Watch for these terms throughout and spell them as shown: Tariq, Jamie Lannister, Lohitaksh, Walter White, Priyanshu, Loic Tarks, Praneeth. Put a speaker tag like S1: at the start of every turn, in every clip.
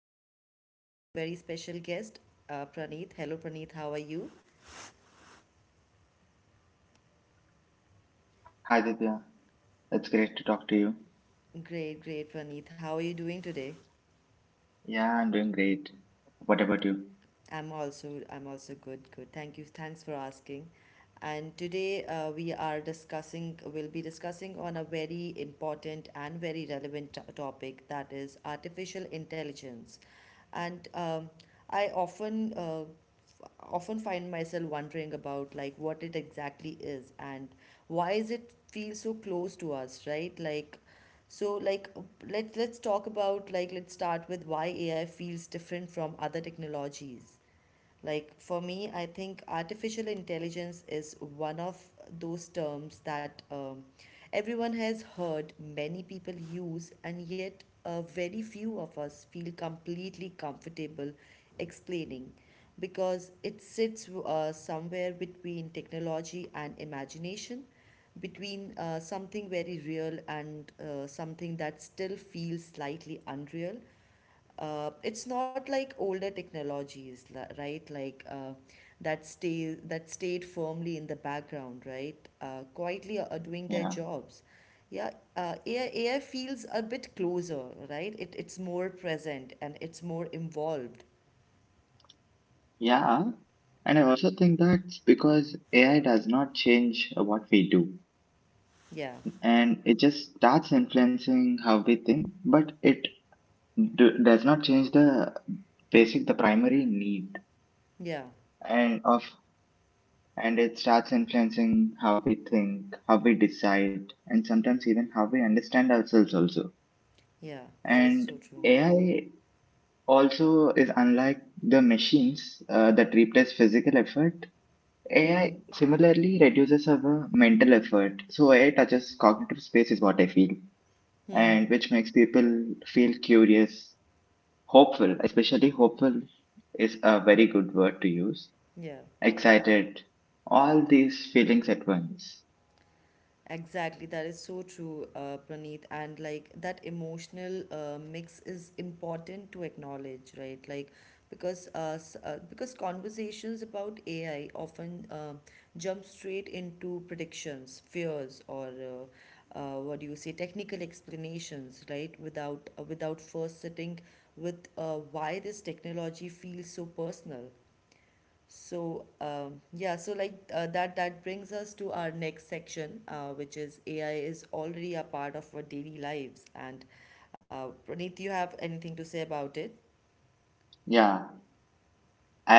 S1: And today we have a very special guest, Praneeth. Hello, Praneeth, how are you?
S2: Hi Divya, it's great to talk to you.
S1: Great, great, Praneeth. How are you doing today?
S2: Yeah, I'm doing great. What about you?
S1: I'm also good, good. Thank you. Thanks for asking. And today we'll be discussing on a very important and very relevant topic, that is artificial intelligence. And I often often find myself wondering about like what it exactly is, and why is it feel so close to us, right? So like let's talk about like let's start with why AI feels different from other technologies. Like for me, I think artificial intelligence is one of those terms that everyone has heard many people use, and yet very few of us feel completely comfortable explaining, because it sits somewhere between technology and imagination, between something very real and something that still feels slightly unreal. Uh, it's not like older technologies, right? Like that stayed firmly in the background, right? Quietly are doing their
S2: Yeah.
S1: jobs. Yeah, uh, AI feels a bit closer, right? It's more present and it's more involved.
S2: Yeah, and I also think that's because AI does not change what we do,
S1: Yeah,
S2: and it just starts influencing how we think, but it does not change the primary need,
S1: yeah,
S2: and of and it starts influencing how we think, how we decide, and sometimes even how we understand ourselves also.
S1: yeah. That is
S2: And
S1: so true.
S2: AI also is unlike the machines that replace physical effort.
S1: Mm-hmm.
S2: AI similarly reduces our mental effort, so AI touches cognitive space is what I feel,
S1: Mm-hmm.
S2: and which makes people feel curious, hopeful, especially hopeful is a very good word to use,
S1: Yeah.
S2: excited, all these feelings at once.
S1: Exactly, that is so true, Praneeth. And like that emotional mix is important to acknowledge, right? Like because conversations about AI often jump straight into predictions, fears, or what do you say, technical explanations, right? Without first sitting with why this technology feels so personal. Yeah, so that brings us to our next section, which is AI is already a part of our daily lives. And Praneeth, you have anything to say about it?
S2: Yeah,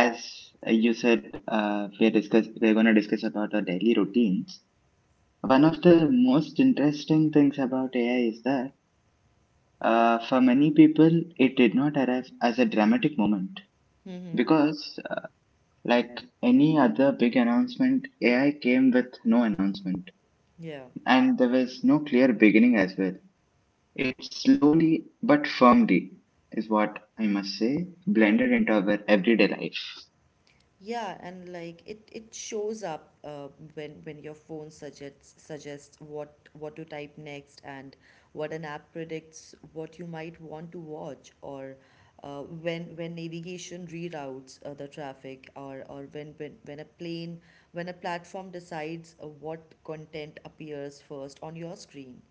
S2: as you said, we're going to discuss about our daily routines. One of the most interesting things about AI is that for many people, it did not arrive as a dramatic moment
S1: Mm-hmm.
S2: because, like any other big announcement, AI came with no announcement,
S1: Yeah.
S2: and there was no clear beginning as well. It slowly but firmly, is what I must say, blended into our everyday life.
S1: Yeah, and like it shows up when your phone suggests what to type next, and what an app predicts what you might want to watch, or when navigation reroutes the traffic, or when a platform decides what content appears first on your screen.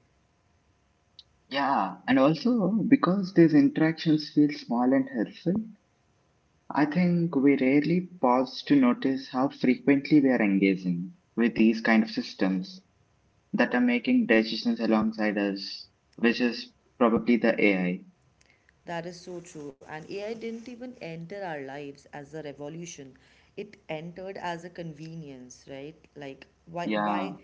S2: Yeah, and also because these interactions feel small and helpful, I think we rarely pause to notice how frequently we are engaging with these kind of systems that are making decisions alongside us, which is probably the AI.
S1: That is so true. And AI didn't even enter our lives as a revolution. It entered as a convenience, right? Like
S2: Yeah,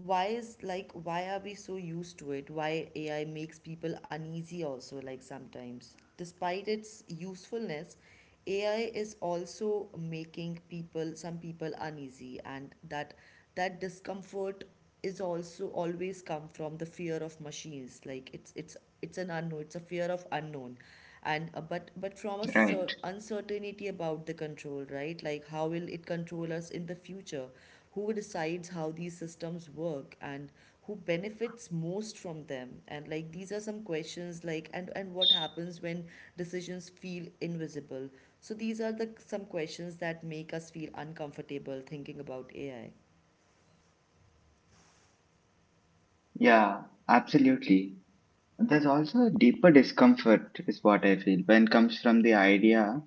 S1: why is like why are we so used to it? Why AI makes people uneasy also like sometimes. Despite its usefulness, AI is also making people some people uneasy, and that discomfort is also always come from the fear of machines. It's an unknown, it's a fear of unknown, and but from a
S2: right.
S1: uncertainty about the control, right? Like how will it control us in the future, who decides how these systems work, and who benefits most from them? And like these are some questions like, and what happens when decisions feel invisible? So these are the some questions that make us feel uncomfortable thinking about AI.
S2: Yeah, absolutely. There's also a deeper discomfort, is what I feel, when comes from the idea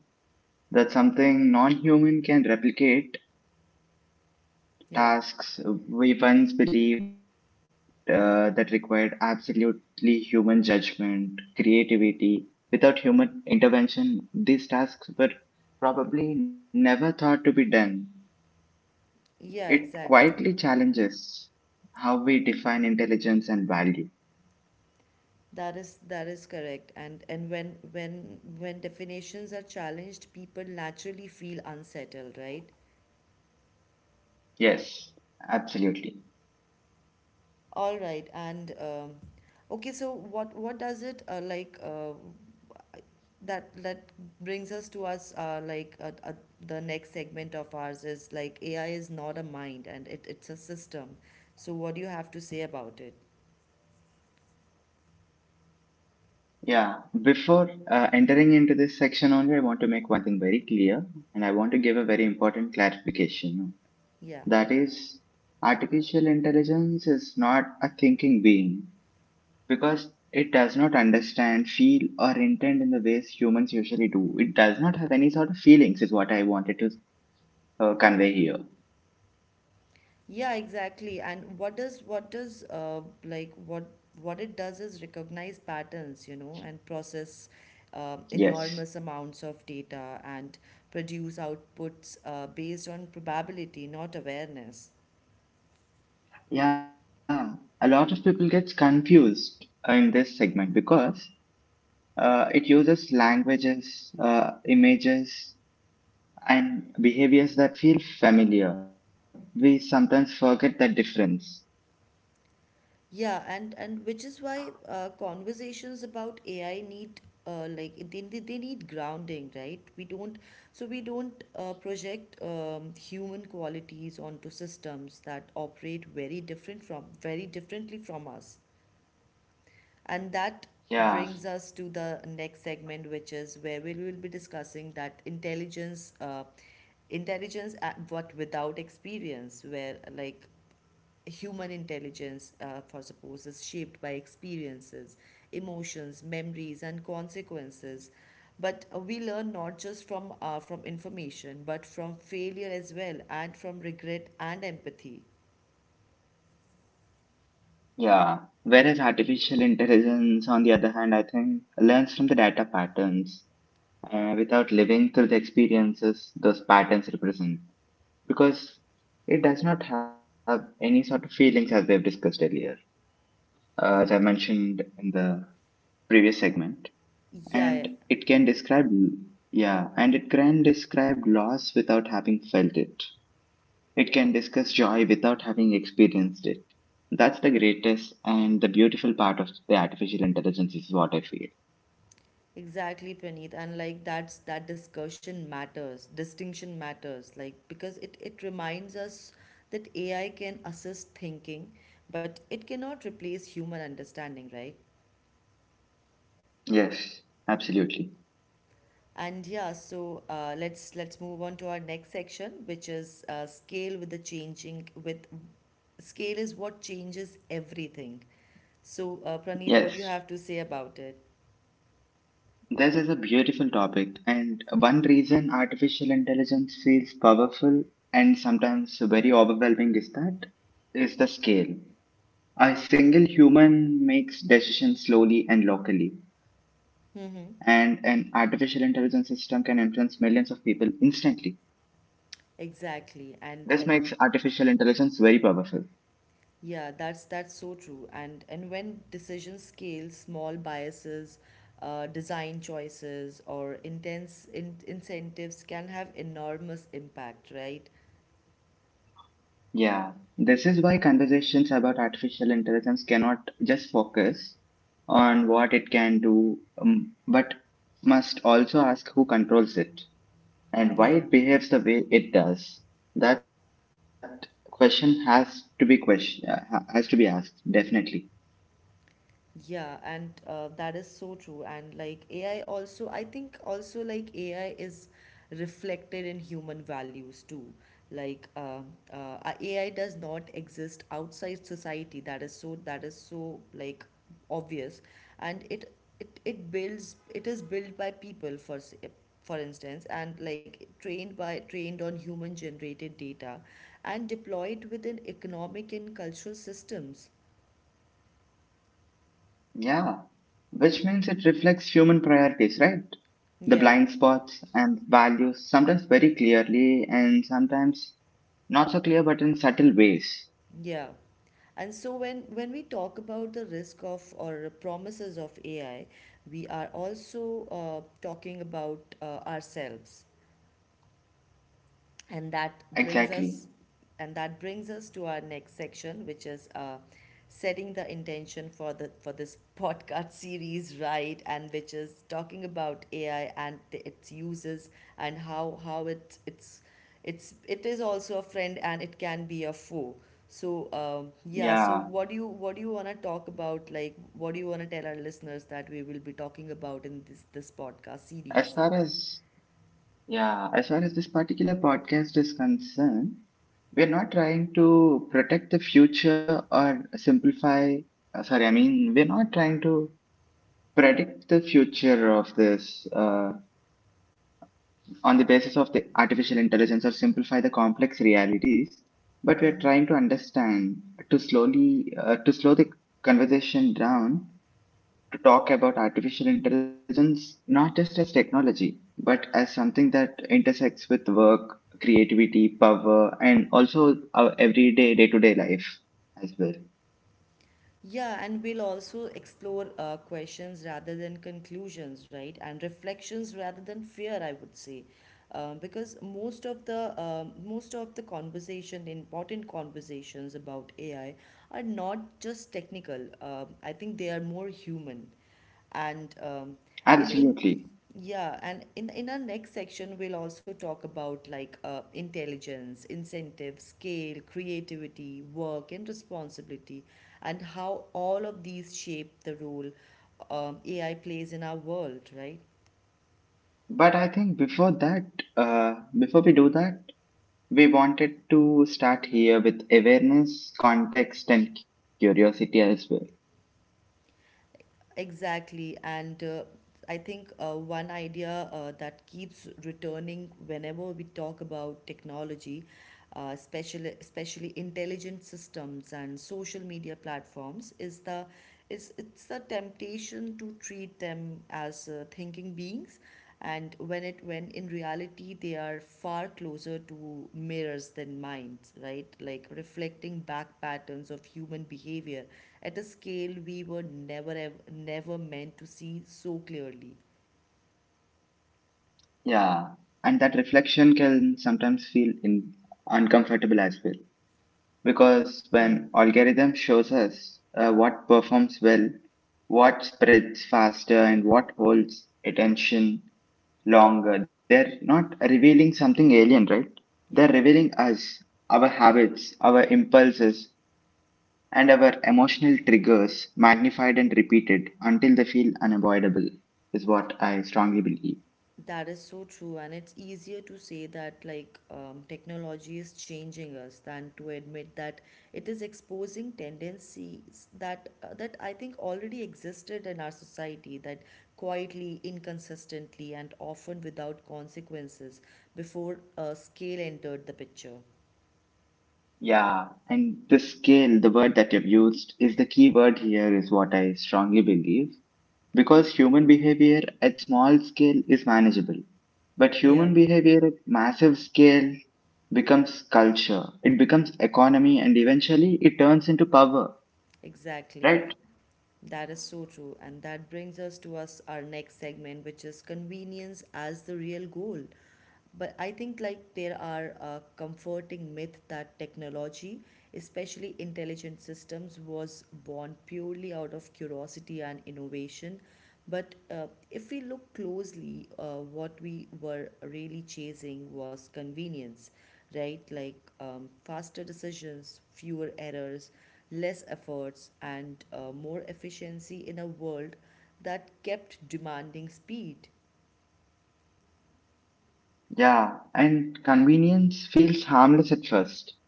S2: that something non human can replicate
S1: yeah
S2: tasks we once believed that required absolutely human judgment, creativity. Without human intervention, these tasks were probably never thought to be done.
S1: yeah
S2: It
S1: exactly.
S2: quietly challenges how we define intelligence and value.
S1: That is correct. And when definitions are challenged, people naturally feel unsettled, right?
S2: Yes, absolutely.
S1: All right. And okay, so what does it like that that brings us to us like the next segment of ours, is like AI is not a mind, and it's a system. So what do you have to say about it?
S2: Yeah, before entering into this section only, I want to make one thing very clear, and I want to give a very important clarification.
S1: Yeah.
S2: That is, artificial intelligence is not a thinking being because it does not understand, feel, or intend in the ways humans usually do. It does not have any sort of feelings, is what I wanted to convey here.
S1: Yeah, exactly. And what what it does is recognize patterns, you know, and process enormous
S2: Yes.
S1: amounts of data, and produce outputs based on probability, not awareness.
S2: Yeah, a lot of people gets confused in this segment because it uses languages, images, and behaviors that feel familiar. We sometimes forget that difference.
S1: Yeah, and which is why conversations about AI need like they need grounding, right? We don't so we don't project human qualities onto systems that operate very differently from us. And that
S2: Yeah.
S1: brings us to the next segment, which is where we will be discussing that intelligence, intelligence at what without experience, where like human intelligence for suppose is shaped by experiences, emotions, memories, and consequences. But we learn not just from information, but from failure as well, and from regret and empathy.
S2: Yeah, whereas artificial intelligence, on the other hand, I think learns from the data patterns without living through the experiences those patterns represent, because it does not have any sort of feelings, as we have discussed earlier, as I mentioned in the previous segment,
S1: Yeah,
S2: and it can describe, yeah, and it can describe loss without having felt it. It can discuss joy without having experienced it. That's the greatest and the beautiful part of the artificial intelligence, is what I feel.
S1: exactly, Praneeth. And like that's that discussion matters distinction matters, like because it reminds us that AI can assist thinking, but it cannot replace human understanding, right?
S2: Yes, absolutely.
S1: And yeah, so let's move on to our next section, which is scale with the changing. With scale is what changes everything. So Praneeth, what do you
S2: Yes,
S1: have to say about it?
S2: this is a beautiful topic, and one reason artificial intelligence feels powerful and sometimes very overwhelming is the scale. A single human makes decisions slowly and locally, and an
S1: Mm-hmm.
S2: artificial intelligence system can influence millions of people instantly. This
S1: Exactly,
S2: makes
S1: and
S2: artificial intelligence very powerful.
S1: yeah, that's so true. And when decisions scale, small biases, design choices, or intense in incentives can have enormous impact, right?
S2: Yeah, this is why conversations about artificial intelligence cannot just focus on what it can do, but must also ask who controls it and why
S1: Yeah.
S2: it behaves the way it does. That question has to be has to be asked definitely.
S1: Yeah, and that is so true. And like AI also, I think also like AI is reflected in human values too. Like um AI does not exist outside society. That is so like obvious, and it builds it is built by people for for instance, and like trained on human generated data, and deployed within economic and cultural systems.
S2: Yeah, which means it reflects human priorities, right? The
S1: yeah
S2: blind spots and values, sometimes very clearly and sometimes not so clear, but in subtle ways.
S1: yeah And so when we talk about the risk of or promises of AI, we are also talking about ourselves, and that
S2: Exactly.
S1: brings us and that brings us to our next section, which is setting the intention for the for this podcast series, right? And which is talking about AI and its uses, and how it it's it is also a friend and it can be a foe. So yeah,
S2: Yeah,
S1: so what do you want to talk about? Like what do you want to tell our listeners that we will be talking about in this podcast series?
S2: as far as yeah, as far as this particular podcast is concerned, we're not trying to protect the future or simplify. Sorry, I mean, we're not trying to predict the future of this on the basis of the artificial intelligence, or simplify the complex realities, but we're
S1: Mm-hmm.
S2: trying to understand, to slow the conversation down, to talk about artificial intelligence not just as technology, but as something that intersects with work, creativity, power, and also our everyday day-to-day life as well.
S1: Yeah, and we'll also explore questions rather than conclusions, right? And reflections rather than fear, I would say, because most of the conversation, important conversations about AI, are not just technical. I think they are more human. And
S2: Absolutely,
S1: in yeah, and in our next section, we'll also talk about like intelligence, incentive, scale, creativity, work, and responsibility, and how all of these shape the role AI plays in our world, right?
S2: but I think before that, uh, before we do that we wanted to start here with awareness, context, and curiosity as well.
S1: Exactly. And I think one idea that keeps returning whenever we talk about technology, especially intelligent systems and social media platforms, is the is it's the temptation to treat them as thinking beings, and when it when in reality they are far closer to mirrors than minds, right? Like reflecting back patterns of human behavior at a scale we were never meant to see so clearly.
S2: Yeah, and that reflection can sometimes feel uncomfortable as well, because
S1: Hmm.
S2: when algorithm shows us what performs well, what spreads faster, and what holds attention longer, they're not revealing something alien, right? They're
S1: Yeah,
S2: revealing us, our habits, our impulses, and our emotional triggers magnified and repeated until they feel unavoidable, is what I strongly believe.
S1: that is so true, and it's easier to say that like technology is changing us, than to admit that it is exposing tendencies that that I think already existed in our society, that quietly, inconsistently, and often without consequences before scale entered the picture.
S2: Yeah, and the scale, the word that you've used, is the key word here, is what I strongly believe. Because human behavior at small scale is manageable, but human
S1: Yeah,
S2: behavior at massive scale becomes culture, it becomes economy, and eventually it turns into power,
S1: exactly.
S2: right?
S1: That is so true. And that brings us to us our next segment, which is convenience as the real goal. But I think like there are a comforting myth that technology, especially intelligent systems, was born purely out of curiosity and innovation. But if we look closely, what we were really chasing was convenience, right? Like faster decisions, fewer errors, less efforts, and more efficiency in a world that kept demanding speed.
S2: Yeah, and convenience feels harmless at first,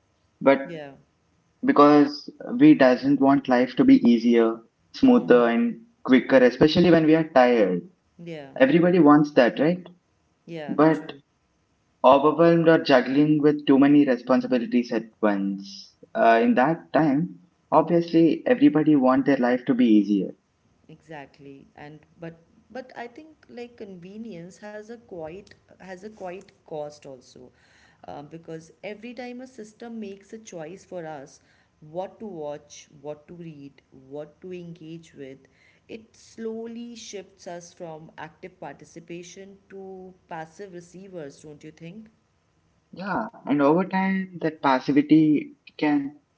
S2: but
S1: yeah
S2: because we doesn't want life to be easier, smoother
S1: mm-hmm.
S2: and quicker, especially when we are tired.
S1: yeah
S2: Everybody wants that, right?
S1: Yeah, true.
S2: But overwhelmed or juggling with too many responsibilities at once. In that time, obviously everybody want their life to be easier.
S1: Exactly. And but I think like convenience has a quite cost also. Because every time a system makes a choice for us, what to watch, what to read, what to engage with, it slowly shifts us from active participation to passive receivers, don't you think?
S2: Yeah, and over time that passivity can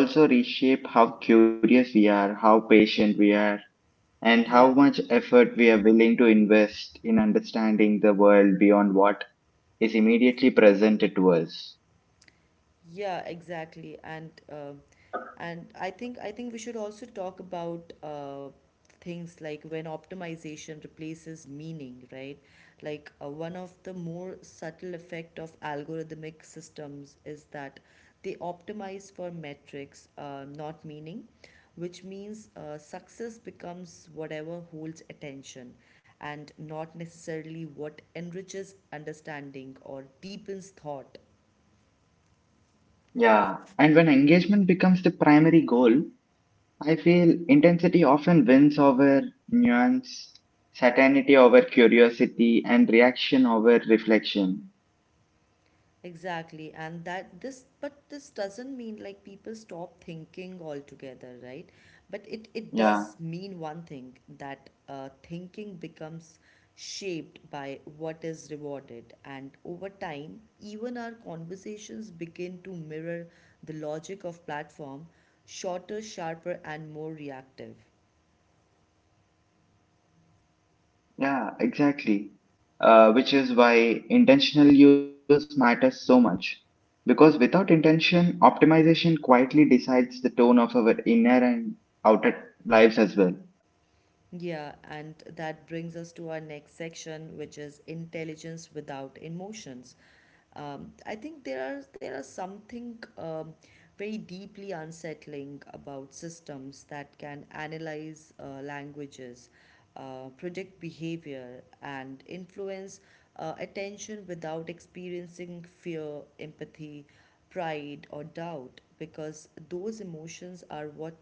S2: also reshape how curious we are, how patient we are, and how
S1: Yeah.
S2: much effort we are willing to invest in understanding the world beyond what is immediately presented to us.
S1: Yeah, exactly. And I think we should also talk about things like when optimization replaces meaning, right? Like one of the more subtle effect of algorithmic systems is that they optimize for metrics, not meaning, which means success becomes whatever holds attention, and not necessarily what enriches understanding or deepens thought.
S2: Yeah, and when engagement becomes the primary goal, I feel intensity often wins over nuance, certainty over curiosity, and reaction over reflection.
S1: Exactly, and that this, but this doesn't mean like people stop thinking altogether, right? But it
S2: Yeah.
S1: does mean one thing, that thinking becomes shaped by what is rewarded, and over time, even our conversations begin to mirror the logic of platform: shorter, sharper, and more reactive.
S2: Yeah, exactly. Which is why intentional use matters so much. Because without intention, optimization quietly decides the tone of our inner and outer lives as well.
S1: Yeah, and that brings us to our next section, which is intelligence without emotions. I think there are something very deeply unsettling about systems that can analyze languages, predict behavior, and influence attention without experiencing fear, empathy, pride, or doubt, because those emotions are what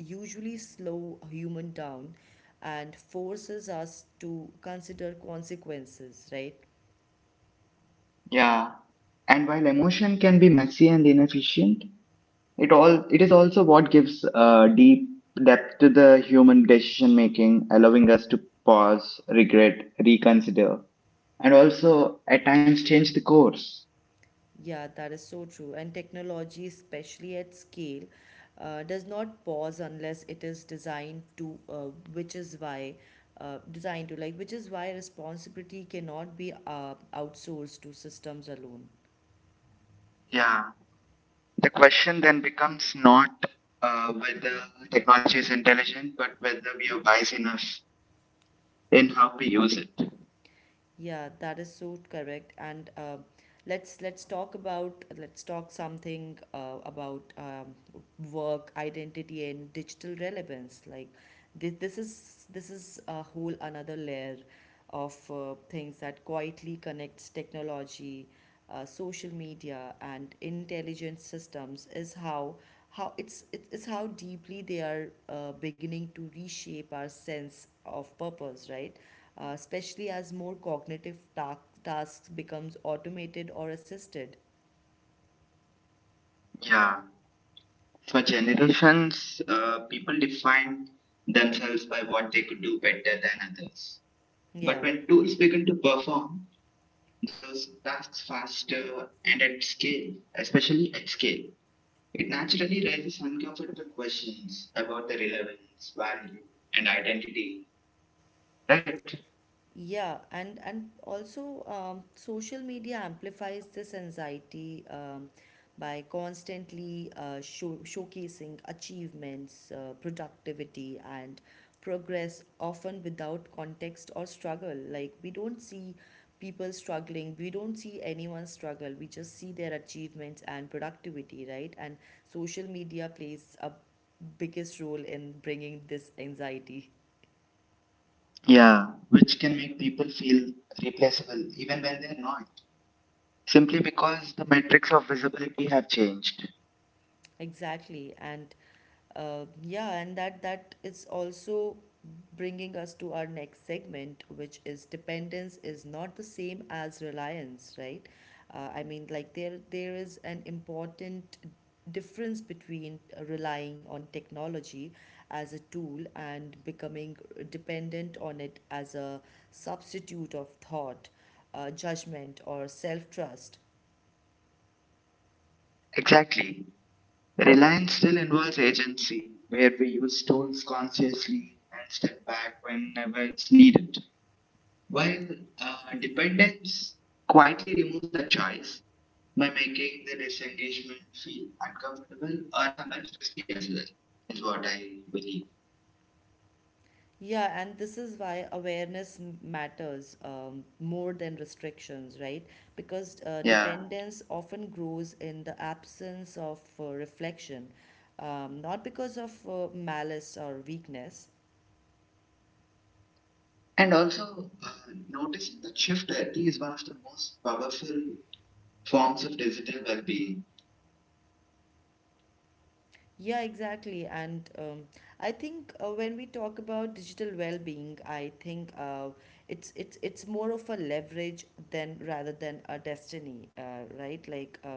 S1: usually slow a human down and forces us to consider consequences, right?
S2: Yeah. And while emotion can be messy and inefficient, it is also what gives deep depth to the human decision making, allowing us to pause, regret, reconsider, and also at times change the course.
S1: Yeah, that is so true. And technology, especially at scale, does not pause unless it is designed to, which is why, which is why responsibility cannot be outsourced to systems alone.
S2: Yeah. The question then becomes not whether technology is intelligent, but whether we are wise enough in how we use it.
S1: Yeah, that is so correct. And let's talk something about work identity and digital relevance. Like this is a whole another layer of things that quietly connects technology, social media, and intelligent systems is how it's how deeply they are beginning to reshape our sense of purpose, right? Especially as more cognitive tasks becomes automated or assisted.
S2: Yeah. For generations, people defined themselves by what they could do better than others. But
S1: Yeah.
S2: when tools begin to perform those tasks faster and at scale, especially at scale, it naturally raises uncomfortable questions about the relevance, value, and identity. Right?
S1: Yeah, and also social media amplifies this anxiety by constantly showcasing achievements, productivity, and progress, often without context or struggle. Like we don't see people struggling, we don't see anyone struggle. We just see their achievements and productivity, right? And social media plays a biggest role in bringing this anxiety.
S2: Yeah, which can make people feel replaceable even when they're not, simply because the metrics of visibility have changed.
S1: Exactly. And that is also bringing us to our next segment, which is dependence is not the same as reliance, right? I mean, there is an important difference between relying on technology as a tool and becoming dependent on it as a substitute of thought, judgment, or self trust.
S2: Exactly. Reliance still involves agency, where we use tools consciously and step back whenever it's needed, while dependence quietly removes the choice by making the disengagement feel uncomfortable or sometimes risky as well, is what I believe.
S1: Yeah, and this is why awareness matters more than restrictions, right? Because
S2: Yeah.
S1: dependence often grows in the absence of reflection, not because of malice or weakness.
S2: And also, noticing that shift, I think, is one of the most powerful forms of digital well being.
S1: Yeah, exactly. And I think when we talk about digital well-being, I think it's more of a leverage than rather than a destiny, right? Like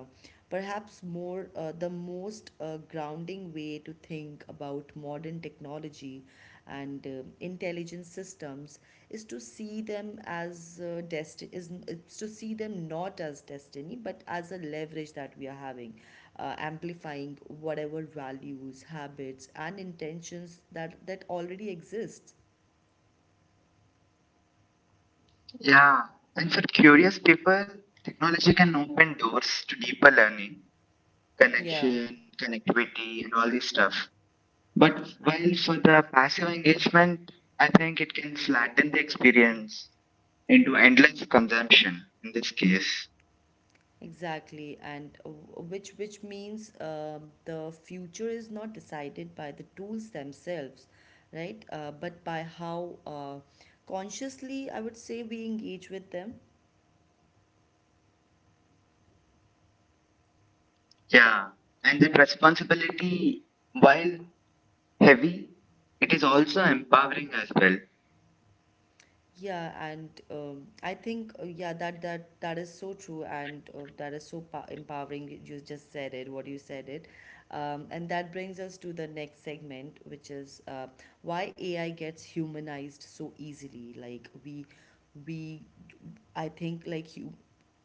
S1: perhaps more the most grounding way to think about modern technology and intelligent systems is to see them as destiny is to see them not as destiny but as a leverage that we are having, amplifying whatever values, habits, and intentions that already exist.
S2: Yeah, and for curious people, technology can open doors to deeper learning,
S1: Yeah,
S2: connection, connectivity, and all this stuff. But while for the passive engagement, I think it can flatten the experience into endless consumption in this case.
S1: exactly. And which means the future is not decided by the tools themselves, right? But by how consciously I would say we engage with them.
S2: Yeah, and that responsibility, while heavy, it is also empowering as well.
S1: Yeah, and I think yeah, that is so true, and that is so empowering. You said it, and that brings us to the next segment, which is why AI gets humanized so easily. Like we I think like you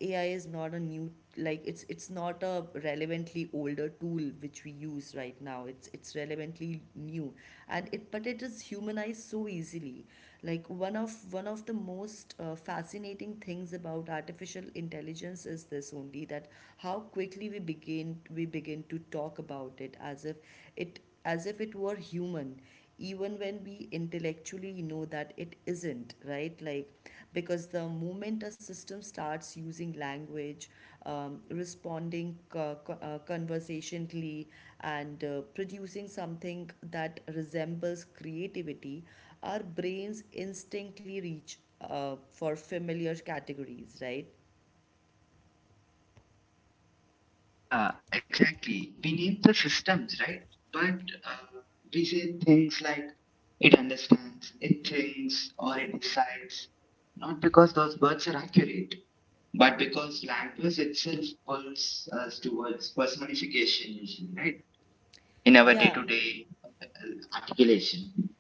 S1: AI is not a new, it's it's not a relevantly older tool which we use right now. It's relevantly new. And it, but it is humanized so easily. Like one of the most fascinating things about artificial intelligence is this only, that how quickly we begin to talk about it as if it as if it were human, even when we intellectually know that it isn't, right? Like because the moment a system starts using language, responding conversationally and producing something that resembles creativity, our brains instantly reach for familiar categories, right?
S2: Yeah, exactly. We need the systems, right? But we say things like it understands, it thinks, or it decides, not because those words are accurate, but because language itself pulls us towards personification, usually, right? In our day
S1: Yeah.
S2: to day articulation.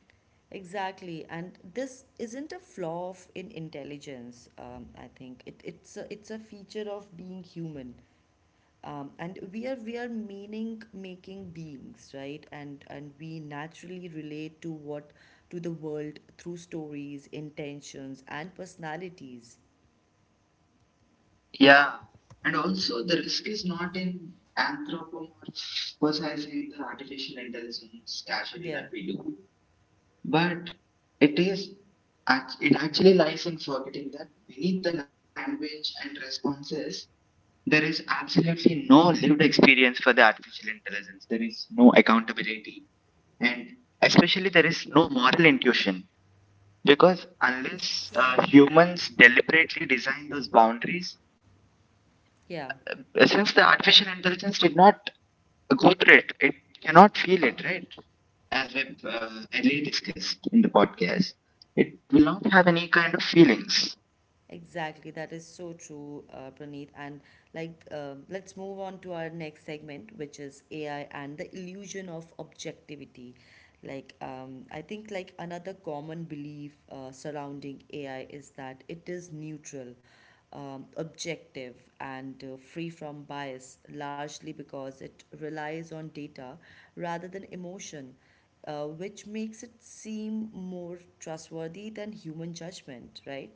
S1: Exactly, and this isn't a flaw of in intelligence. I think it's a feature of being human, and we are meaning making beings, right? And we naturally relate to the world through stories, intentions, and personalities.
S2: Yeah, and also the risk is not in anthropomorphizing the artificial intelligence casually
S1: Yeah.
S2: that we do, but it is it actually lies in forgetting that beneath the language and responses, there is absolutely no lived experience for the artificial intelligence. There is no accountability, and especially there is no moral intuition. Because unless humans deliberately design those boundaries,
S1: Yeah.
S2: since the artificial intelligence did not Gundrit, it cannot feel it, right? As we've earlier discussed in the podcast, it will not have any kind of feelings.
S1: Exactly, that is so true, Praneeth. And like, um, let's move on to our next segment, which is AI and the illusion of objectivity. Like, I think like another common belief surrounding AI is that it is neutral, objective, and free from bias, largely because it relies on data rather than emotion, which makes it seem more trustworthy than human judgment, right?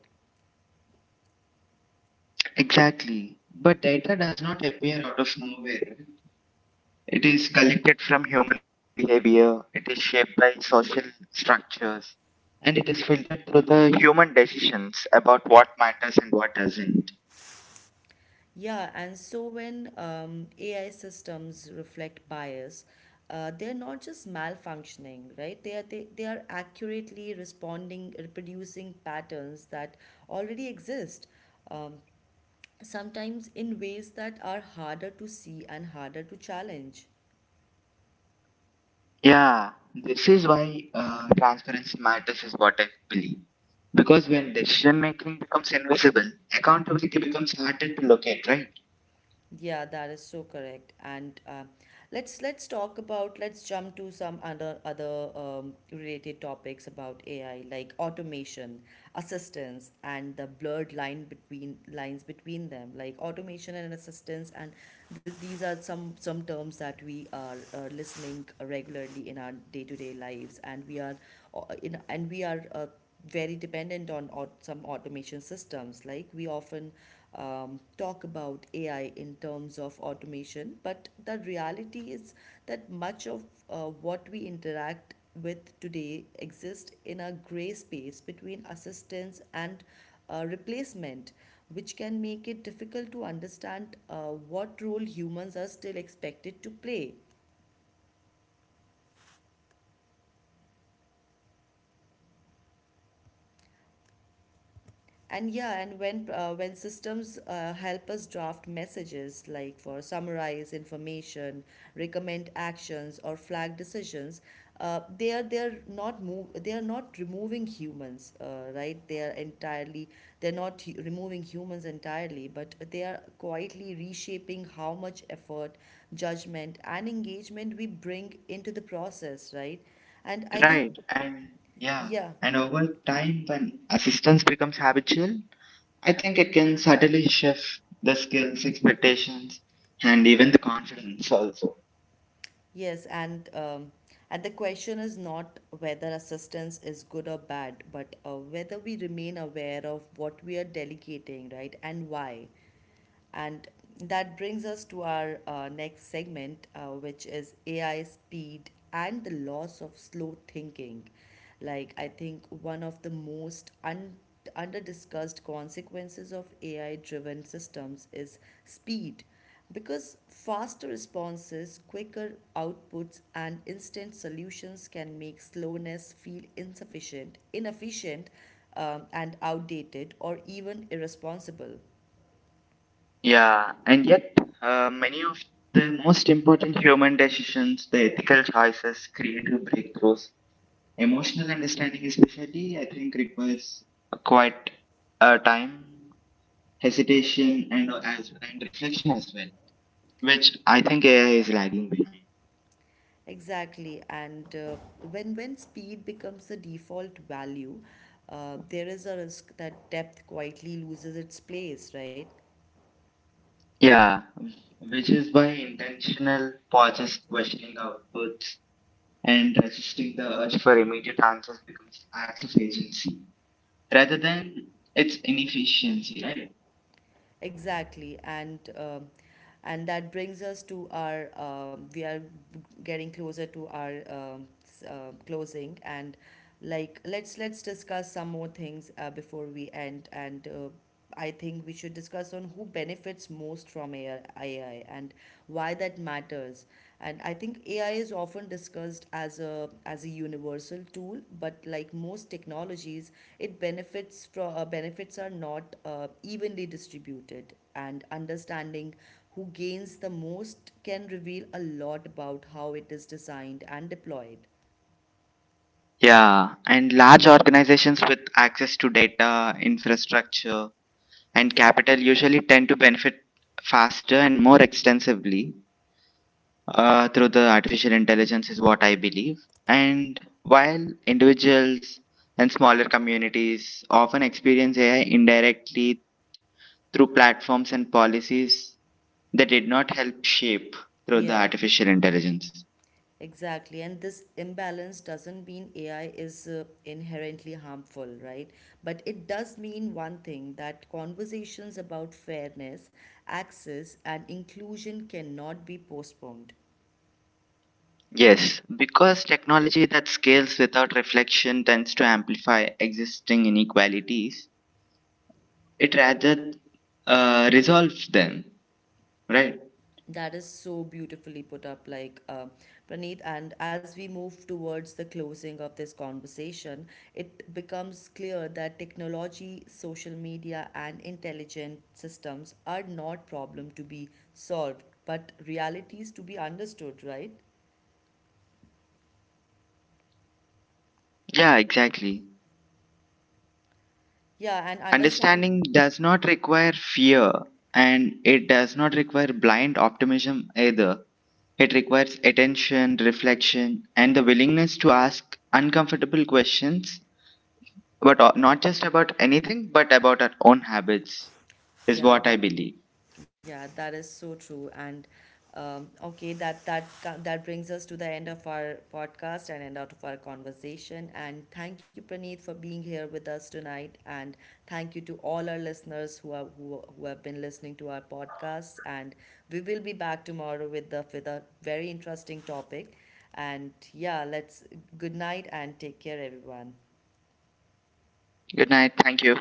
S2: Exactly. But data does not appear out of nowhere. It is collected from human behavior, it is shaped by social structures, and it is filtered through the human decisions about what matters and what doesn't.
S1: Yeah, and so when AI systems reflect bias, they're not just malfunctioning, right? They are accurately responding, reproducing patterns that already exist, sometimes in ways that are harder to see and harder to challenge.
S2: Yeah, this is why transparency matters, is what I believe. Because when decision making becomes invisible, accountability becomes harder to locate, right?
S1: Yeah, that is so correct. And let's talk about let's jump to some other related topics about AI, like automation, assistance, and the blurred lines between them, like automation and assistance. And these are some terms that we are listening regularly in our day to day lives, and we are. Very dependent on or some automation systems. Like we often talk about AI in terms of automation, but the reality is that much of what we interact with today exists in a gray space between assistance and replacement, which can make it difficult to understand what role humans are still expected to play. And yeah, and when when systems help us draft messages, like for summarize information, recommend actions, or flag decisions, they are not removing humans, right? They are entirely they're not hu- removing humans entirely, but they are quietly reshaping how much effort, judgment, and engagement we bring into the process, right? And I think,
S2: Right. And yeah,
S1: yeah.
S2: and over time, when assistance becomes habitual, I think it can subtly shift the skills, expectations, and even the confidence also.
S1: Yes, and the question is not whether assistance is good or bad, but whether we remain aware of what we are delegating, right, and why. And that brings us to our next segment, which is AI speed and the loss of slow thinking. Like, I think one of the most under discussed consequences of AI driven systems is speed, because faster responses, quicker outputs, and instant solutions can make slowness feel insufficient, inefficient, and outdated or even irresponsible.
S2: Yeah, and yet many of the most important human decisions, the ethical choices, creative breakthroughs, emotional understanding, especially, I think requires quite a time, hesitation, and as and reflection as well, which I think AI is lagging behind.
S1: Exactly, and when speed becomes the default value, there is a risk that depth quietly loses its place, right?
S2: Yeah, which is why intentional pauses, questioning outputs, and resisting the urge for immediate answers becomes acts of agency rather than its inefficiency, right?
S1: Exactly, and that brings us to our we are getting closer to our closing, and like let's discuss some more things before we end. And I think we should discuss on who benefits most from AI, AI, and why that matters. And I think AI is often discussed as a universal tool, but like most technologies, it benefits from benefits are not evenly distributed. And understanding who gains the most can reveal a lot about how it is designed and deployed.
S2: Yeah, and large organizations with access to data, infrastructure, and capital usually tend to benefit faster and more extensively through the artificial intelligence is what I believe. And while individuals and smaller communities often experience AI indirectly through platforms and policies that did not help shape through the
S1: Yeah,
S2: artificial intelligence.
S1: exactly. And this imbalance doesn't mean AI is inherently harmful, right? But it does mean one thing, that conversations about fairness, access, and inclusion cannot be postponed.
S2: Yes, because technology that scales without reflection tends to amplify existing inequalities, it rather resolves them, right?
S1: That is so beautifully put up, like, Praneeth. And as we move towards the closing of this conversation, it becomes clear that technology, social media, and intelligent systems are not problem to be solved, but realities to be understood, right?
S2: Yeah, exactly.
S1: Yeah, and understand.
S2: Understanding does not require fear, and it does not require blind optimism either. It requires attention, reflection, and the willingness to ask uncomfortable questions, but not just about anything, but about our own habits, is
S1: Yeah,
S2: what I
S1: that.
S2: believe.
S1: Yeah, that is so true. And okay, that brings us to the end of our podcast and end out of our conversation. And thank you, Praneeth, for being here with us tonight. And thank you to all our listeners who who have been listening to our podcast. And we will be back tomorrow with a very interesting topic. And yeah, let's good night and take care, everyone.
S2: Good night. Thank you.